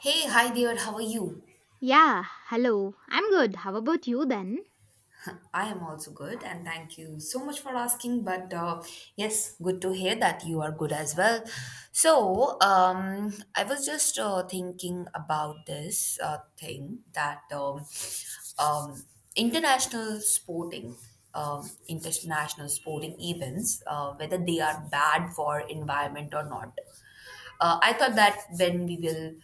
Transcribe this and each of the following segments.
Hey, hi dear, how are you? Yeah, hello. I'm good. How about you then? I am also good and thank you so much for asking. But Yes, good to hear that you are good as well. I was just thinking about this thing that um, international sporting, international sporting events, whether they are bad for environment or not. I thought that when we will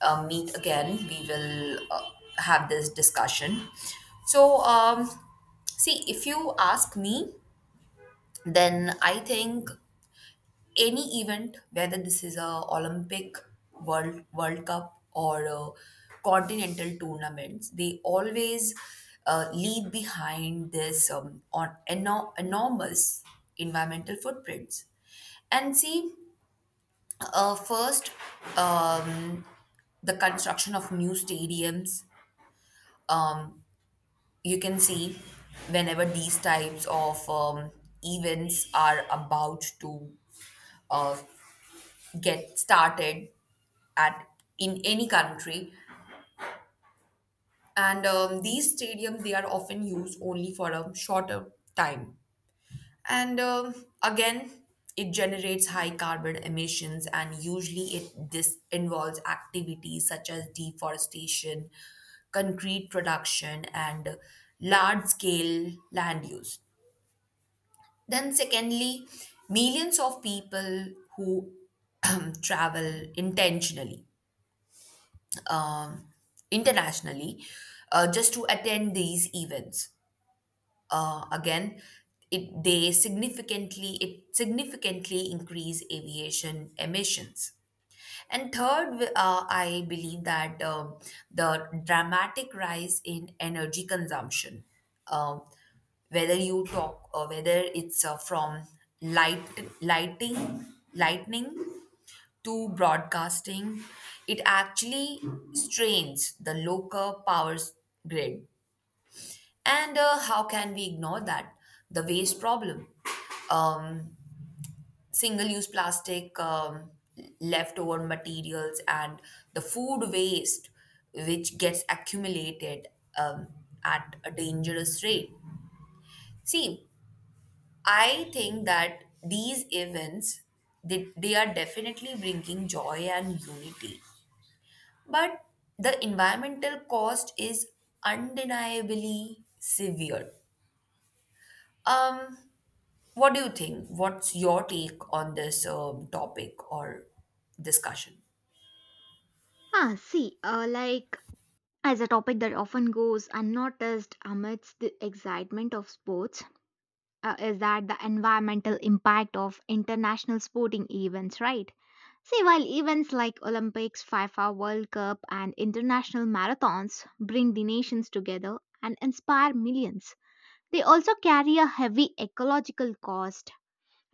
meet again, we will have this discussion. So, um, See, if you ask me, then I think any event, whether this is a Olympic, World Cup, or a continental tournaments, they always leave behind this enormous environmental footprints. And see, first, um, the construction of new stadiums. um, you can see whenever these types of events are about to uh, get started at in any country, and these stadiums, they are often used only for a shorter time. And again, it generates high carbon emissions, and usually it this involves activities such as deforestation, concrete production, and large scale land use. Then, secondly, millions of people who travel intentionally, internationally, just to attend these events. Again, it significantly increase aviation emissions. And third, I believe that the dramatic rise in energy consumption, um, whether you talk or whether it's from light lighting, lightning to broadcasting, it actually strains the local grid. And how can we ignore that? The waste problem. Um, Single use plastic, leftover materials, and the food waste, which gets accumulated um, at a dangerous rate. See, I think that these events, they are definitely bringing joy and unity. But the environmental cost is undeniably severe. Um, what do you think? What's your take on this topic or discussion? Ah, see, uh, like, as a topic that often goes unnoticed amidst the excitement of sports, is that the environmental impact of international sporting events, right? See, while events like Olympics, FIFA World Cup, and international marathons bring the nations together and inspire millions, they also carry a heavy ecological cost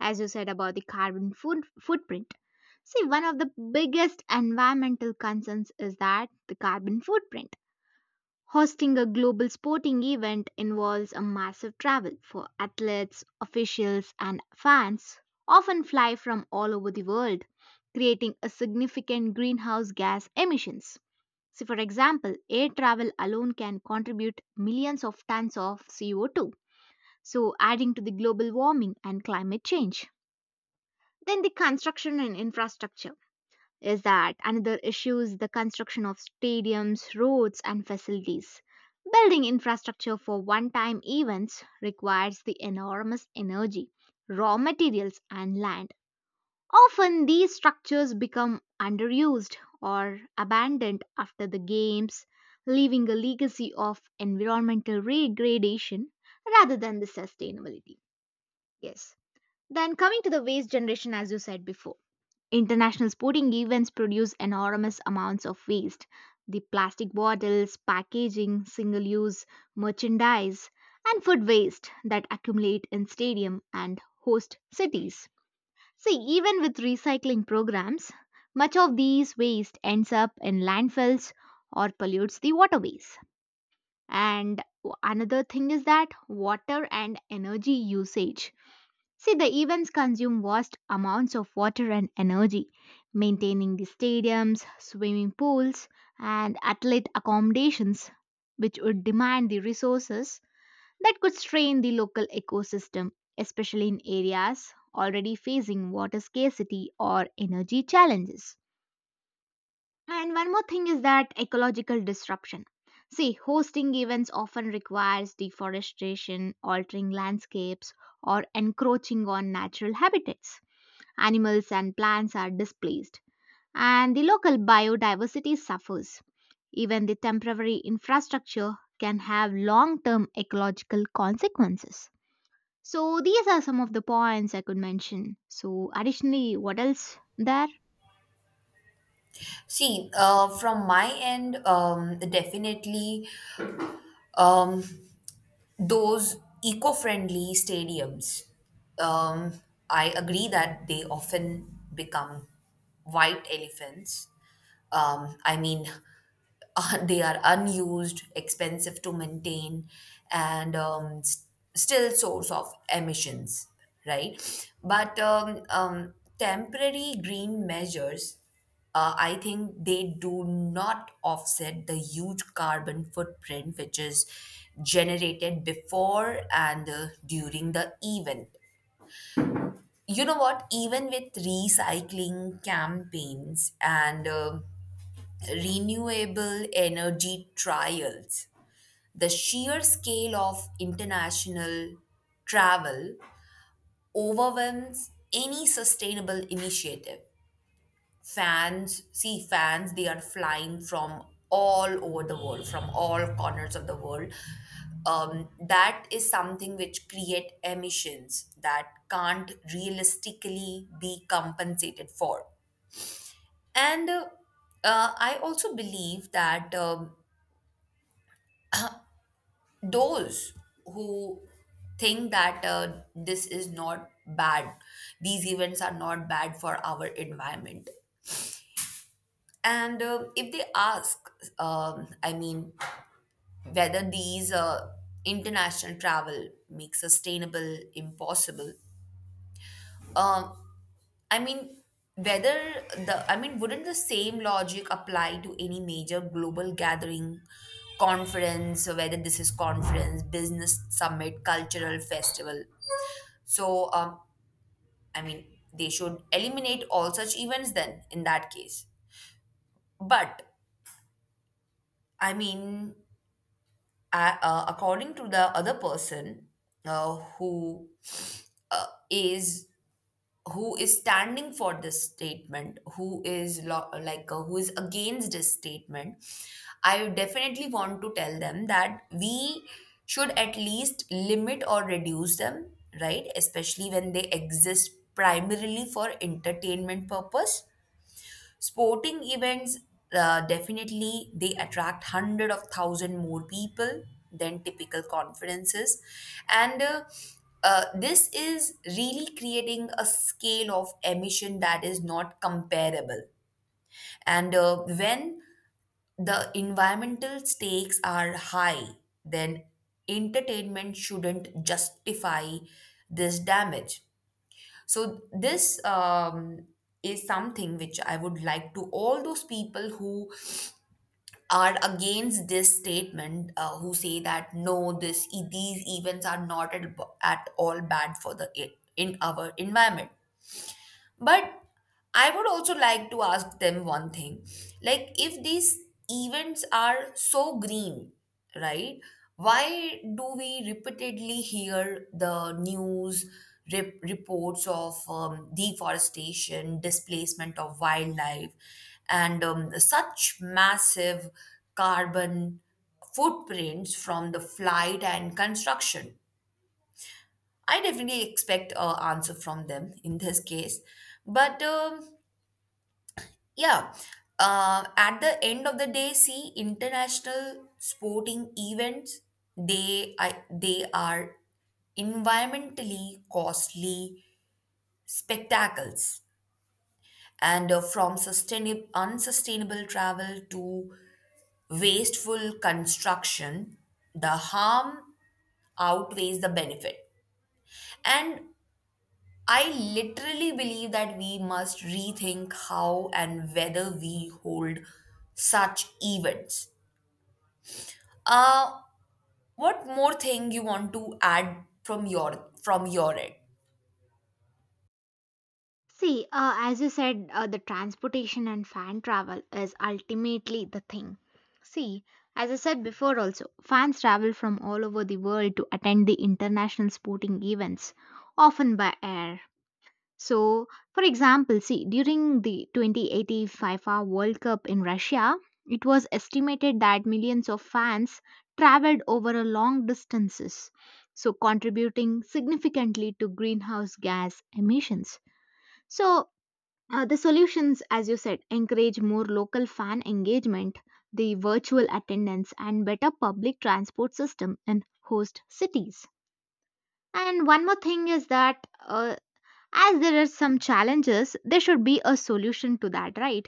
as you said about the footprint. See, one of the biggest environmental concerns is that the carbon footprint. Hosting a global sporting event involves a massive travel for athletes, officials, and fans, often fly from all over the world, creating a significant greenhouse gas emissions. So, for example, air travel alone can contribute millions of tons of CO2, so adding to the global warming and climate change. Then the construction and infrastructure is that another issue is the construction of stadiums, roads, and facilities. Building infrastructure for one time events requires the enormous energy, raw materials, and land. Often these structures become underused or abandoned after the games, leaving a legacy of environmental degradation rather than the sustainability. Yes. Then coming to the waste generation, as you said before, international sporting events produce enormous amounts of waste. The plastic bottles, packaging, single use merchandise, and food waste that accumulate in stadium and host cities. See, even with recycling programs, much of these waste ends up in landfills or pollutes the waterways. And another thing is that water and energy usage. See, the events consume vast amounts of water and energy, maintaining the stadiums, swimming pools, and athlete accommodations, which would demand the resources that could strain the local ecosystem, especially in areas already facing water scarcity or energy challenges. And one more thing is that ecological disruption. See, hosting events often requires deforestation, altering landscapes, or encroaching on natural habitats. Animals and plants are displaced, and the local biodiversity suffers. Even the temporary infrastructure can have long term ecological consequences. So, these are some of the points I could mention. So, additionally, what else there? See, from my end, definitely um, those eco friendly stadiums, um, I agree that they often become white elephants. I mean, they are unused, expensive to maintain, and still source of emissions, right? But temporary green measures, I think they do not offset the huge carbon footprint which is generated before and during the event. You know what? Even with recycling campaigns and renewable energy trials, the sheer scale of international travel overwhelms any sustainable initiative. Fans, they are flying from all over the world, from all corners of the world. That is something which create emissions that can't realistically be compensated for. And uh, uh, i also believe that those who think that this is not bad, these events are not bad for our environment. And if they ask, I mean, whether these international travel make sustainable impossible. Um, I mean, I mean, wouldn't the same logic apply to any major global gathering, conference, or whether this is conference, business summit, cultural festival? So, I mean, they should eliminate all such events then in that case. But I mean, according to the other person uh, who uh, is who is standing for this statement, who is who is against this statement. I definitely want to tell them that we should at least limit or reduce them, right? Especially when they exist primarily for entertainment purpose. Sporting events, definitely they attract hundred of thousand more people than typical conferences, and this is really creating a scale of emission that is not comparable. And when the environmental stakes are high, then entertainment shouldn't justify this damage. So this is something which I would like to all those people who are against this statement, who say that no, these events are not at all bad for the in our environment. But I would also like to ask them one thing. Like, if these events are so green, right? Why do we repeatedly hear the reports of deforestation, displacement of wildlife, and such massive carbon footprints from the flight and construction? I definitely expect an answer from them in this case. But yeah. At the end of the day, see, international sporting events, they are environmentally costly spectacles. And from sustainable unsustainable travel to wasteful construction, the harm outweighs the benefit. And I literally believe that we must rethink how and whether we hold such events. Uh, what more thing you want to add from your from your end? See, as you said, the transportation and fan travel is ultimately the thing. See, as I said before, also, fans travel from all over the world to attend the international sporting events, often by air. So, for example, see, during the 2018 FIFA World Cup in Russia, it was estimated that millions of fans traveled over a long distances, so contributing significantly to greenhouse gas emissions. So, the solutions, as you said, encourage more local fan engagement, the virtual attendance, and better public transport system in host cities. And one more thing is that as there are some challenges, there should be a solution to that, right?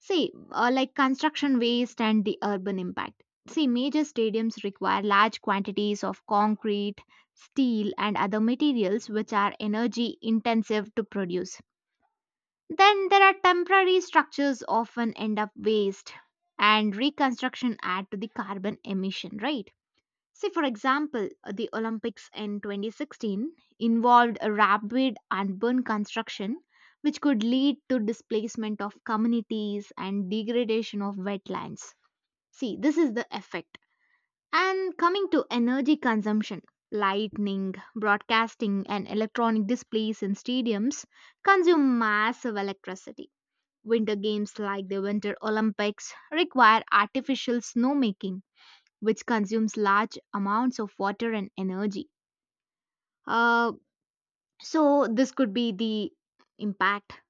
See, like construction waste and the urban impact. See, major stadiums require large quantities of concrete, steel and other materials which are energy intensive to produce. Then there are temporary structures often end up waste and reconstruction add to the carbon emission, right? See, for example, the Olympics in 2016 involved a rapid urban construction, which could lead to displacement of communities and degradation of wetlands. See, this is the effect. And coming to energy consumption, lighting, broadcasting, and electronic displays in stadiums consume massive electricity. Winter games like the Winter Olympics require artificial snowmaking which consumes large amounts of water and energy. Uh, so, this could be the impact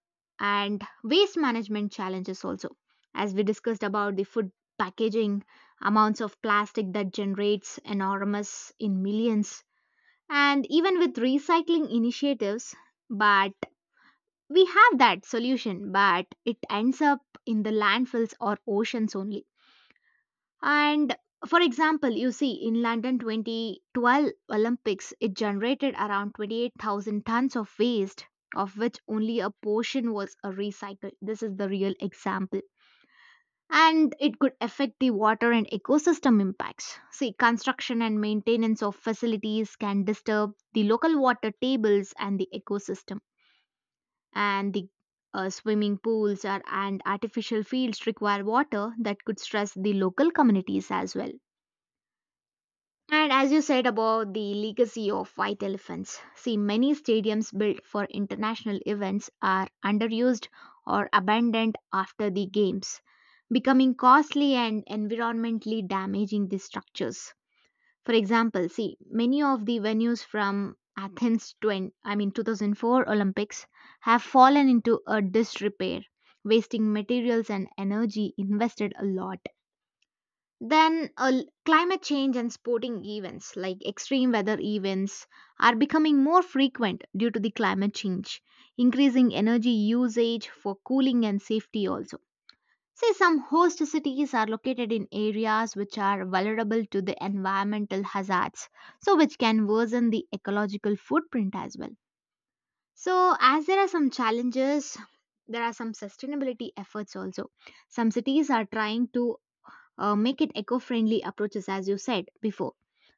and waste management challenges also. As we discussed about the food packaging, amounts of plastic that generates enormous in millions, and even with recycling initiatives, but we have that solution, but it ends up in the landfills or oceans only. And for example, you see in London 2012 Olympics, it generated around 28,000 tons of waste, of which only a portion was recycled. This is the real example. And it could affect the water and ecosystem impacts. See, construction and maintenance of facilities can disturb the local water tables and the ecosystem. And the swimming pools are, and artificial fields require water that could stress the local communities as well. And as you said about the legacy of white elephants, see, many stadiums built for international events are underused or abandoned after the games, becoming costly and environmentally damaging the structures. For example, see, many of the venues from Athens 20, I mean 2004 Olympics have fallen into a disrepair, wasting materials and energy invested a lot. Then climate change and sporting events like extreme weather events are becoming more frequent due to the climate change, increasing energy usage for cooling and safety also. Say some host cities are located in areas which are vulnerable to the environmental hazards, so which can worsen the ecological footprint as well. So, as there are some challenges, there are some sustainability efforts also. Some cities are trying to make it eco friendly approaches, as you said before.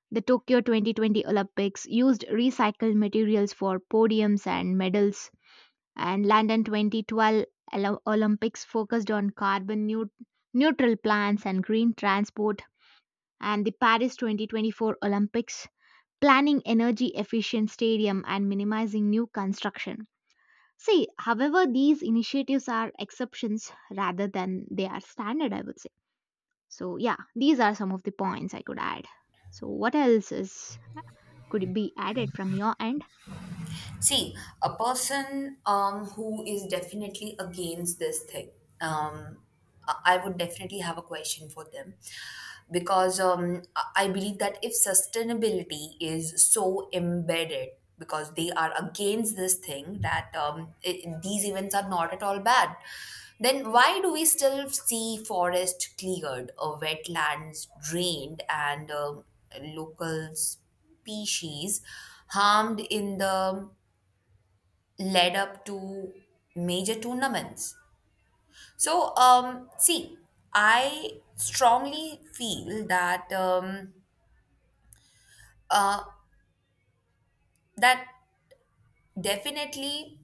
The Tokyo 2020 Olympics used recycled materials for podiums and medals, and London 2012 Olympics focused on neutral plans and green transport, and the Paris 2024 Olympics planning energy efficient stadium and minimizing new construction. See, however, these initiatives are exceptions rather than they are standard, I would say. So yeah, these are some of the points I could add. So what else is could be added from your end? See, a person who is definitely against this thing, um, I would definitely have a question for them, because I believe that if sustainability is so embedded, because they are against this thing, that I these events are not at all bad, then why do we still see forest cleared, wetlands drained, and local species harmed in the led up to major tournaments. So, see, I strongly feel that uh, that definitely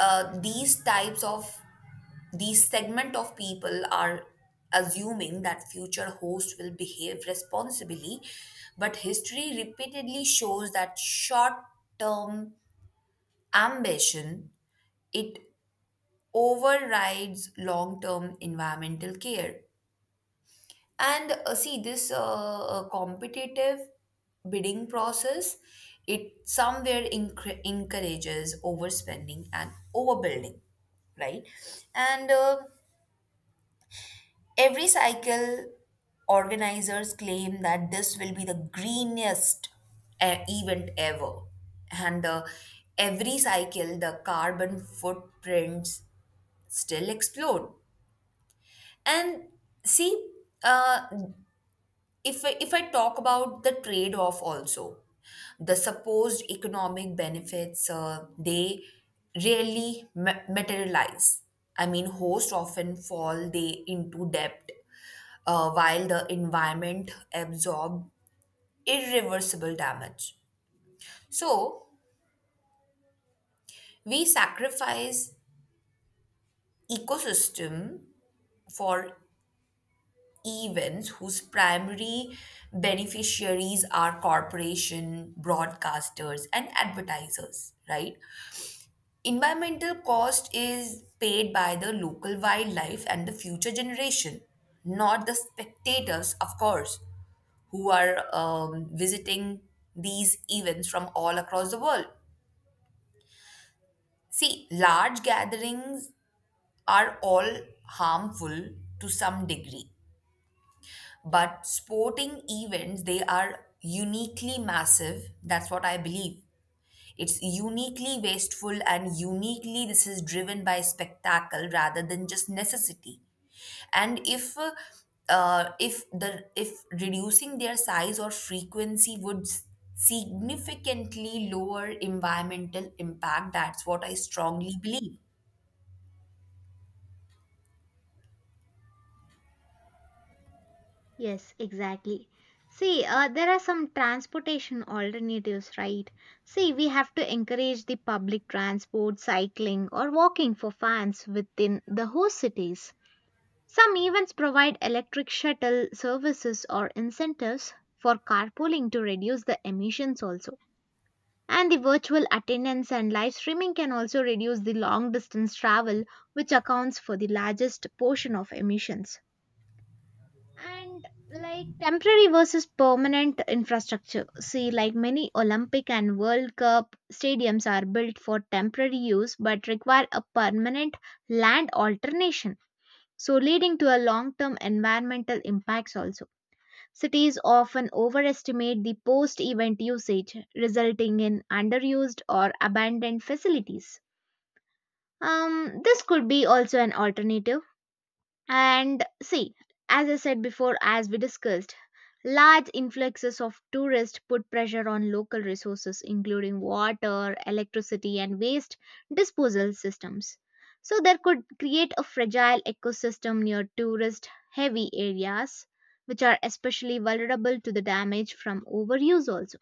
these types of these segment of people are assuming that future hosts will behave responsibly, but history repeatedly shows that short-term ambition, it overrides long-term environmental care. And see, this competitive bidding process, it somewhere encr encourages overspending and overbuilding, right? And every cycle, organizers claim that this will be the greenest event ever. And every cycle, the carbon footprints still explode. And see, uh, if I talk about the trade off also, the supposed economic benefits they rarely materialize. I mean, hosts often fall they into debt, while the environment absorb irreversible damage. So we sacrifice ecosystem for events whose primary beneficiaries are corporation broadcasters and advertisers, right? Environmental cost is paid by the local wildlife and the future generation, not the spectators, of course, who are visiting these events from all across the world. See, large gatherings are all harmful to some degree. But sporting events, they are uniquely massive. That's what I believe. It's uniquely wasteful, and uniquely this is driven by spectacle rather than just necessity. And if the if reducing their size or frequency would significantly lower environmental impact, that's what I strongly believe. Yes, exactly. See, there are some transportation alternatives, right? See, we have to encourage the public transport, cycling, or walking for fans within the host cities. Some events provide electric shuttle services or incentives for carpooling to reduce the emissions also. And the virtual attendance and live streaming can also reduce the long distance travel, which accounts for the largest portion of emissions. And like temporary versus permanent infrastructure. See, like many Olympic and World Cup stadiums are built for temporary use but require a permanent land alternation, so leading to a long term environmental impacts also. Cities often overestimate the post event usage, resulting in underused or abandoned facilities. This could be also an alternative. And see, as I said before, as we discussed, large influxes of tourists put pressure on local resources, including water, electricity, and waste disposal systems. So, there could create a fragile ecosystem near tourist heavy areas, which are especially vulnerable to the damage from overuse also.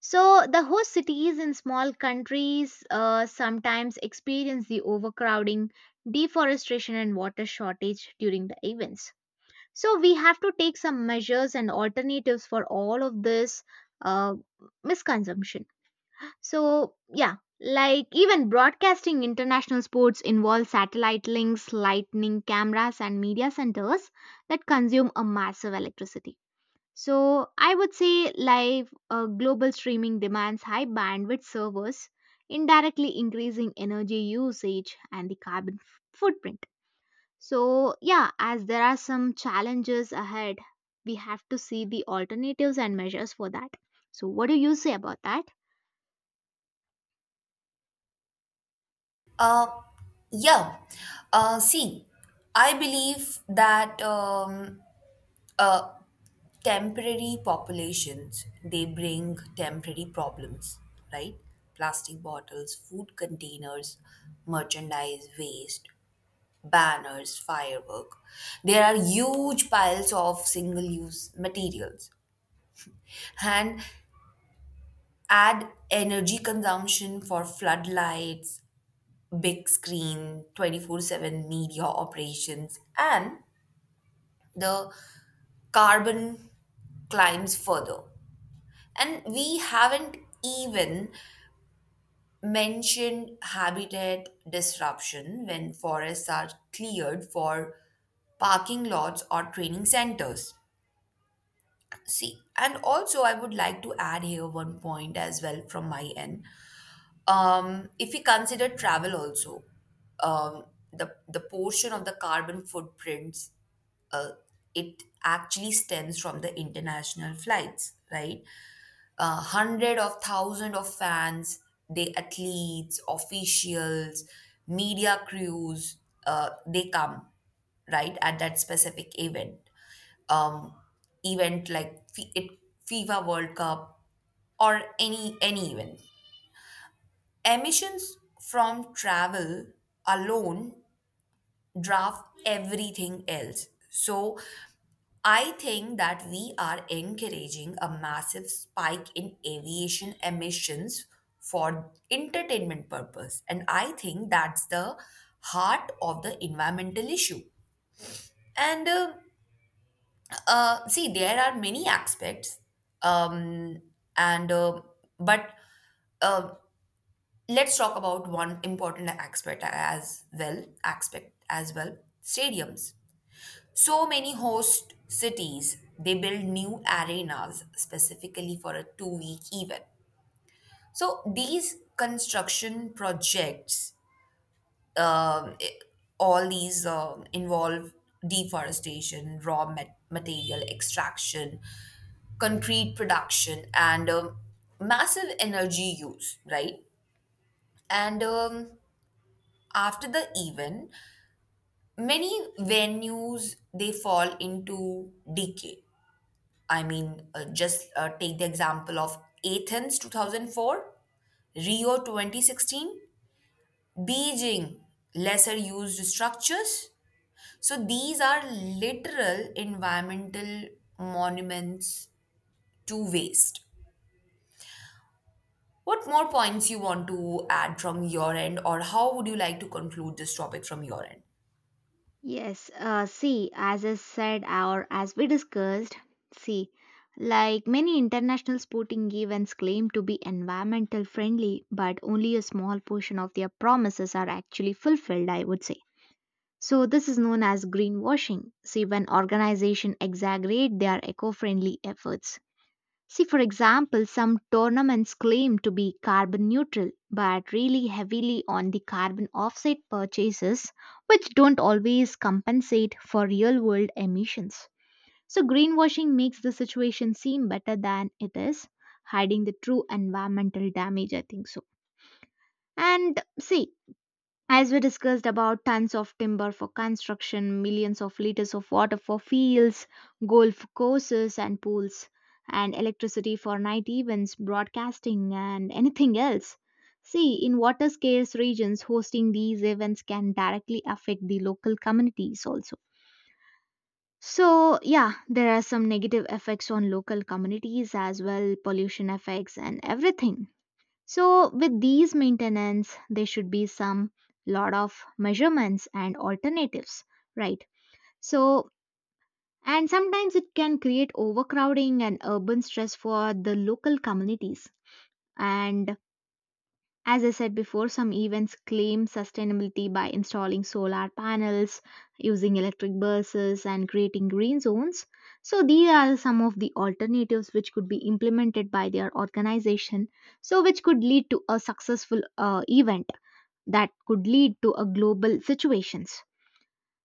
So, the host cities in small countries sometimes experience the overcrowding, deforestation, and water shortage during the events. So, we have to take some measures and alternatives for all of this uh, misconsumption. So, yeah, like even broadcasting international sports involve satellite links, lightning cameras, and media centers that consume a massive electricity. So I would say live global streaming demands high bandwidth servers, indirectly increasing energy usage and the footprint. So, yeah, as there are some challenges ahead, we have to see the alternatives and measures for that. So, what do you say about that? Uh, yeah. See, I believe that uh, temporary populations, they bring temporary problems, right? Plastic bottles, food containers, merchandise waste, banners, firework, there are huge piles of single use materials, and add energy consumption for floodlights, big screen 24/7 media operations, and the carbon climbs further. And we haven't even mentioned habitat disruption when forests are cleared for parking lots or training centers. See, and also I would like to add here one point as well from my end. If we consider travel also, um, the portion of the carbon footprints, uh, it actually stems from the international flights, right? Hundred of thousands of fans, the athletes, officials, media crews, they come right at that specific event. Um, Event like FIFA World Cup or any event. Emissions from travel alone draft everything else. So I think that we are encouraging a massive spike in aviation emissions for entertainment purpose, and I think that's the heart of the environmental issue. And see, there are many aspects, um, and but uh, let's talk about one important aspect as well. Stadiums. So many host cities, they build new arenas specifically for a 2-week event. So these construction projects, I- all these involve deforestation, material extraction, concrete production, and massive energy use, right? And after the event, many venues, they fall into decay. I mean, just take the example of Athens 2004, Rio 2016, Beijing, lesser used structures. So these are literal environmental monuments to waste. What more points you want to add from your end, or how would you like to conclude this topic from your end? Yes, see, as I said or as we discussed, see, like many international sporting events claim to be environmental friendly, but only a small portion of their promises are actually fulfilled, I would say. So, this is known as greenwashing. See, when organizations exaggerate their eco friendly efforts. See, for example, some tournaments claim to be carbon neutral but really heavily on the carbon offset purchases, which don't always compensate for real world emissions. So, greenwashing makes the situation seem better than it is, hiding the true environmental damage, I think so. And see, as we discussed about tons of timber for construction, millions of liters of water for fields, golf courses, and pools, and electricity for night events, broadcasting, and anything else. See, in water scarce regions, hosting these events can directly affect the local communities also. So, yeah, there are some negative effects on local communities as well, pollution effects and everything. So, with these maintenance, there should be some lot of measurements and alternatives, right? So, and sometimes it can create overcrowding and urban stress for the local communities. And as I said before, some events claim sustainability by installing solar panels, using electric buses, and creating green zones. So, these are some of the alternatives which could be implemented by their organization, so which could lead to a successful event that could lead to a global situations.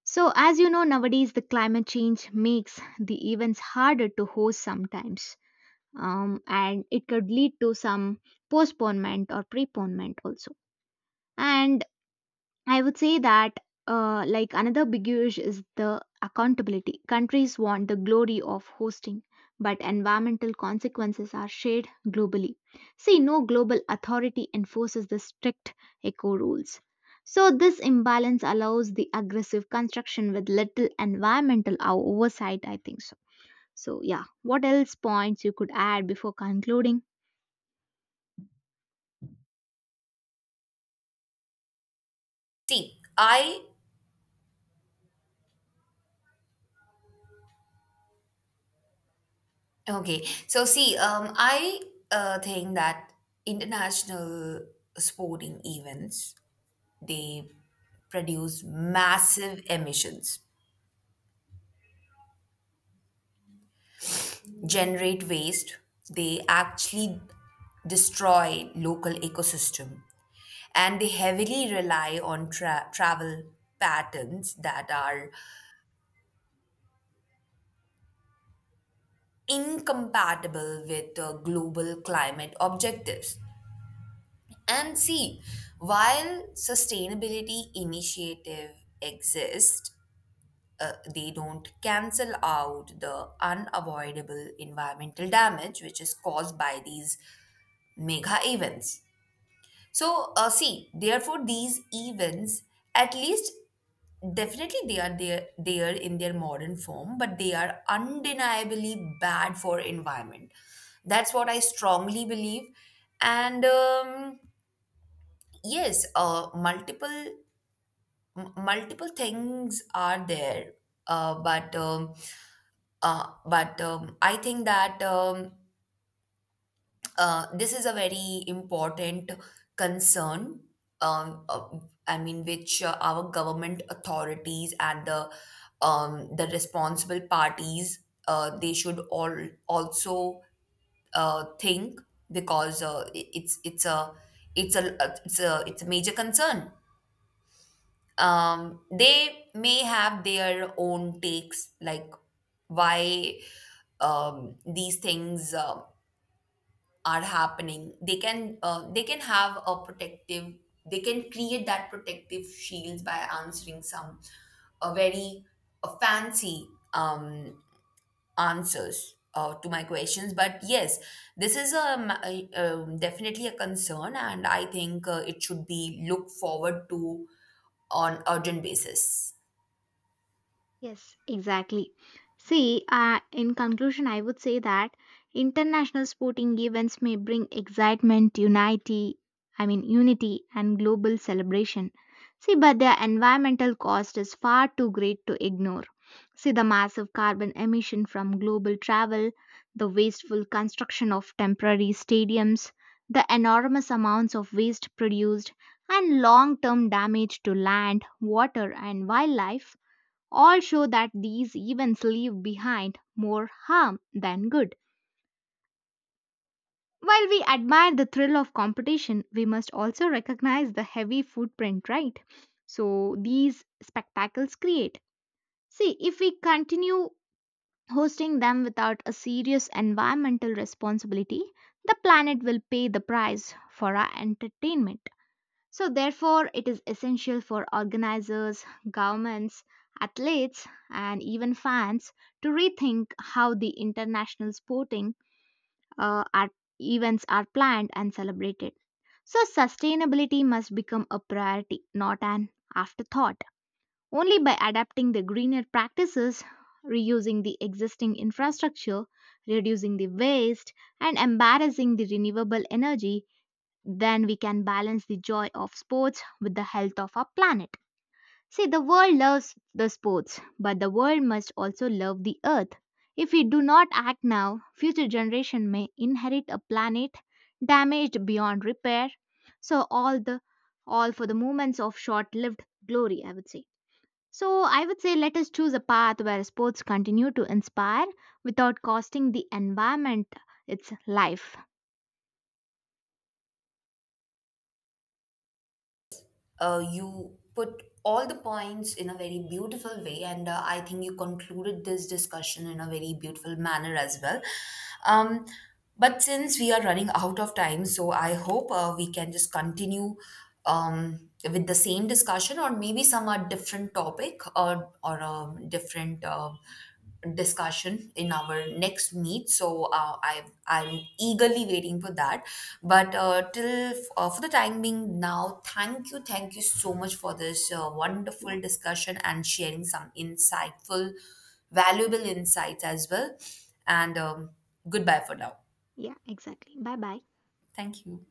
So as you know nowadays the climate change makes the events harder to host sometimes, and it could lead to some postponement or preponement also. And I would say that, like another big issue is the accountability. Countries want the glory of hosting, but environmental consequences are shared globally. See, no global authority enforces the strict eco rules. So, this imbalance allows the aggressive construction with little environmental oversight, I think so. So, yeah, what else points you could add before concluding? See, I Okay. So see, I think that international sporting events, they produce massive emissions, generate waste, they actually destroy local ecosystem, and they heavily rely on travel patterns that are incompatible with global climate objectives. And see, while sustainability initiative exist, they don't cancel out the unavoidable environmental damage which is caused by these mega events. So, see, therefore, these events, at least definitely they are there, there in their modern form, but they are undeniably bad for environment. That's what I strongly believe. And yes, multiple things are there, uh, but um, but I think that this is a very important concern. Um, uh, I mean, which our government authorities and the responsible parties they should all also think, because it- it's a it's a it's a it's a major concern. They may have their own takes, like why these things are happening. They can they can have a protective, they can create that protective shields by answering some very fancy um, answers to my questions. But yes, this is a, definitely a concern, and I think it should be looked forward to on urgent basis. Yes, exactly. See, in conclusion, I would say that international sporting events may bring excitement, unity, I mean, unity and global celebration. See, but their environmental cost is far too great to ignore. See, the massive carbon emission from global travel, the wasteful construction of temporary stadiums, the enormous amounts of waste produced, and long term damage to land, water, and wildlife all show that these events leave behind more harm than good. While we admire the thrill of competition, we must also recognize the heavy footprint, right? So these spectacles create. See, if we continue hosting them without a serious environmental responsibility, the planet will pay the price for our entertainment. So, therefore, it is essential for organizers, governments, athletes, and even fans to rethink how the international sporting uh, are, events are planned and celebrated. So, sustainability must become a priority, not an afterthought. Only by adapting the greener practices, reusing the existing infrastructure, reducing the waste, and embarrassing the renewable energy then we can balance the joy of sports with the health of our planet. See, the world loves the sports, but the world must also love the earth. If we do not act now, future generation may inherit a planet damaged beyond repair. So all the all for the moments of short-lived glory, I would say. So I would say let us choose a path where sports continue to inspire without costing the environment its life. You put all the points in a very beautiful way, and I think you concluded this discussion in a very beautiful manner as well. Um, but since we are running out of time, so I hope we can just continue with the same discussion, or maybe some different topic or a different discussion in our next meet. So I'm eagerly waiting for that. But till for the time being now, thank you so much for this Yeah, wonderful discussion and sharing some insightful, valuable insights as well. And goodbye for now. yeah, exactly. Bye bye. Thank you.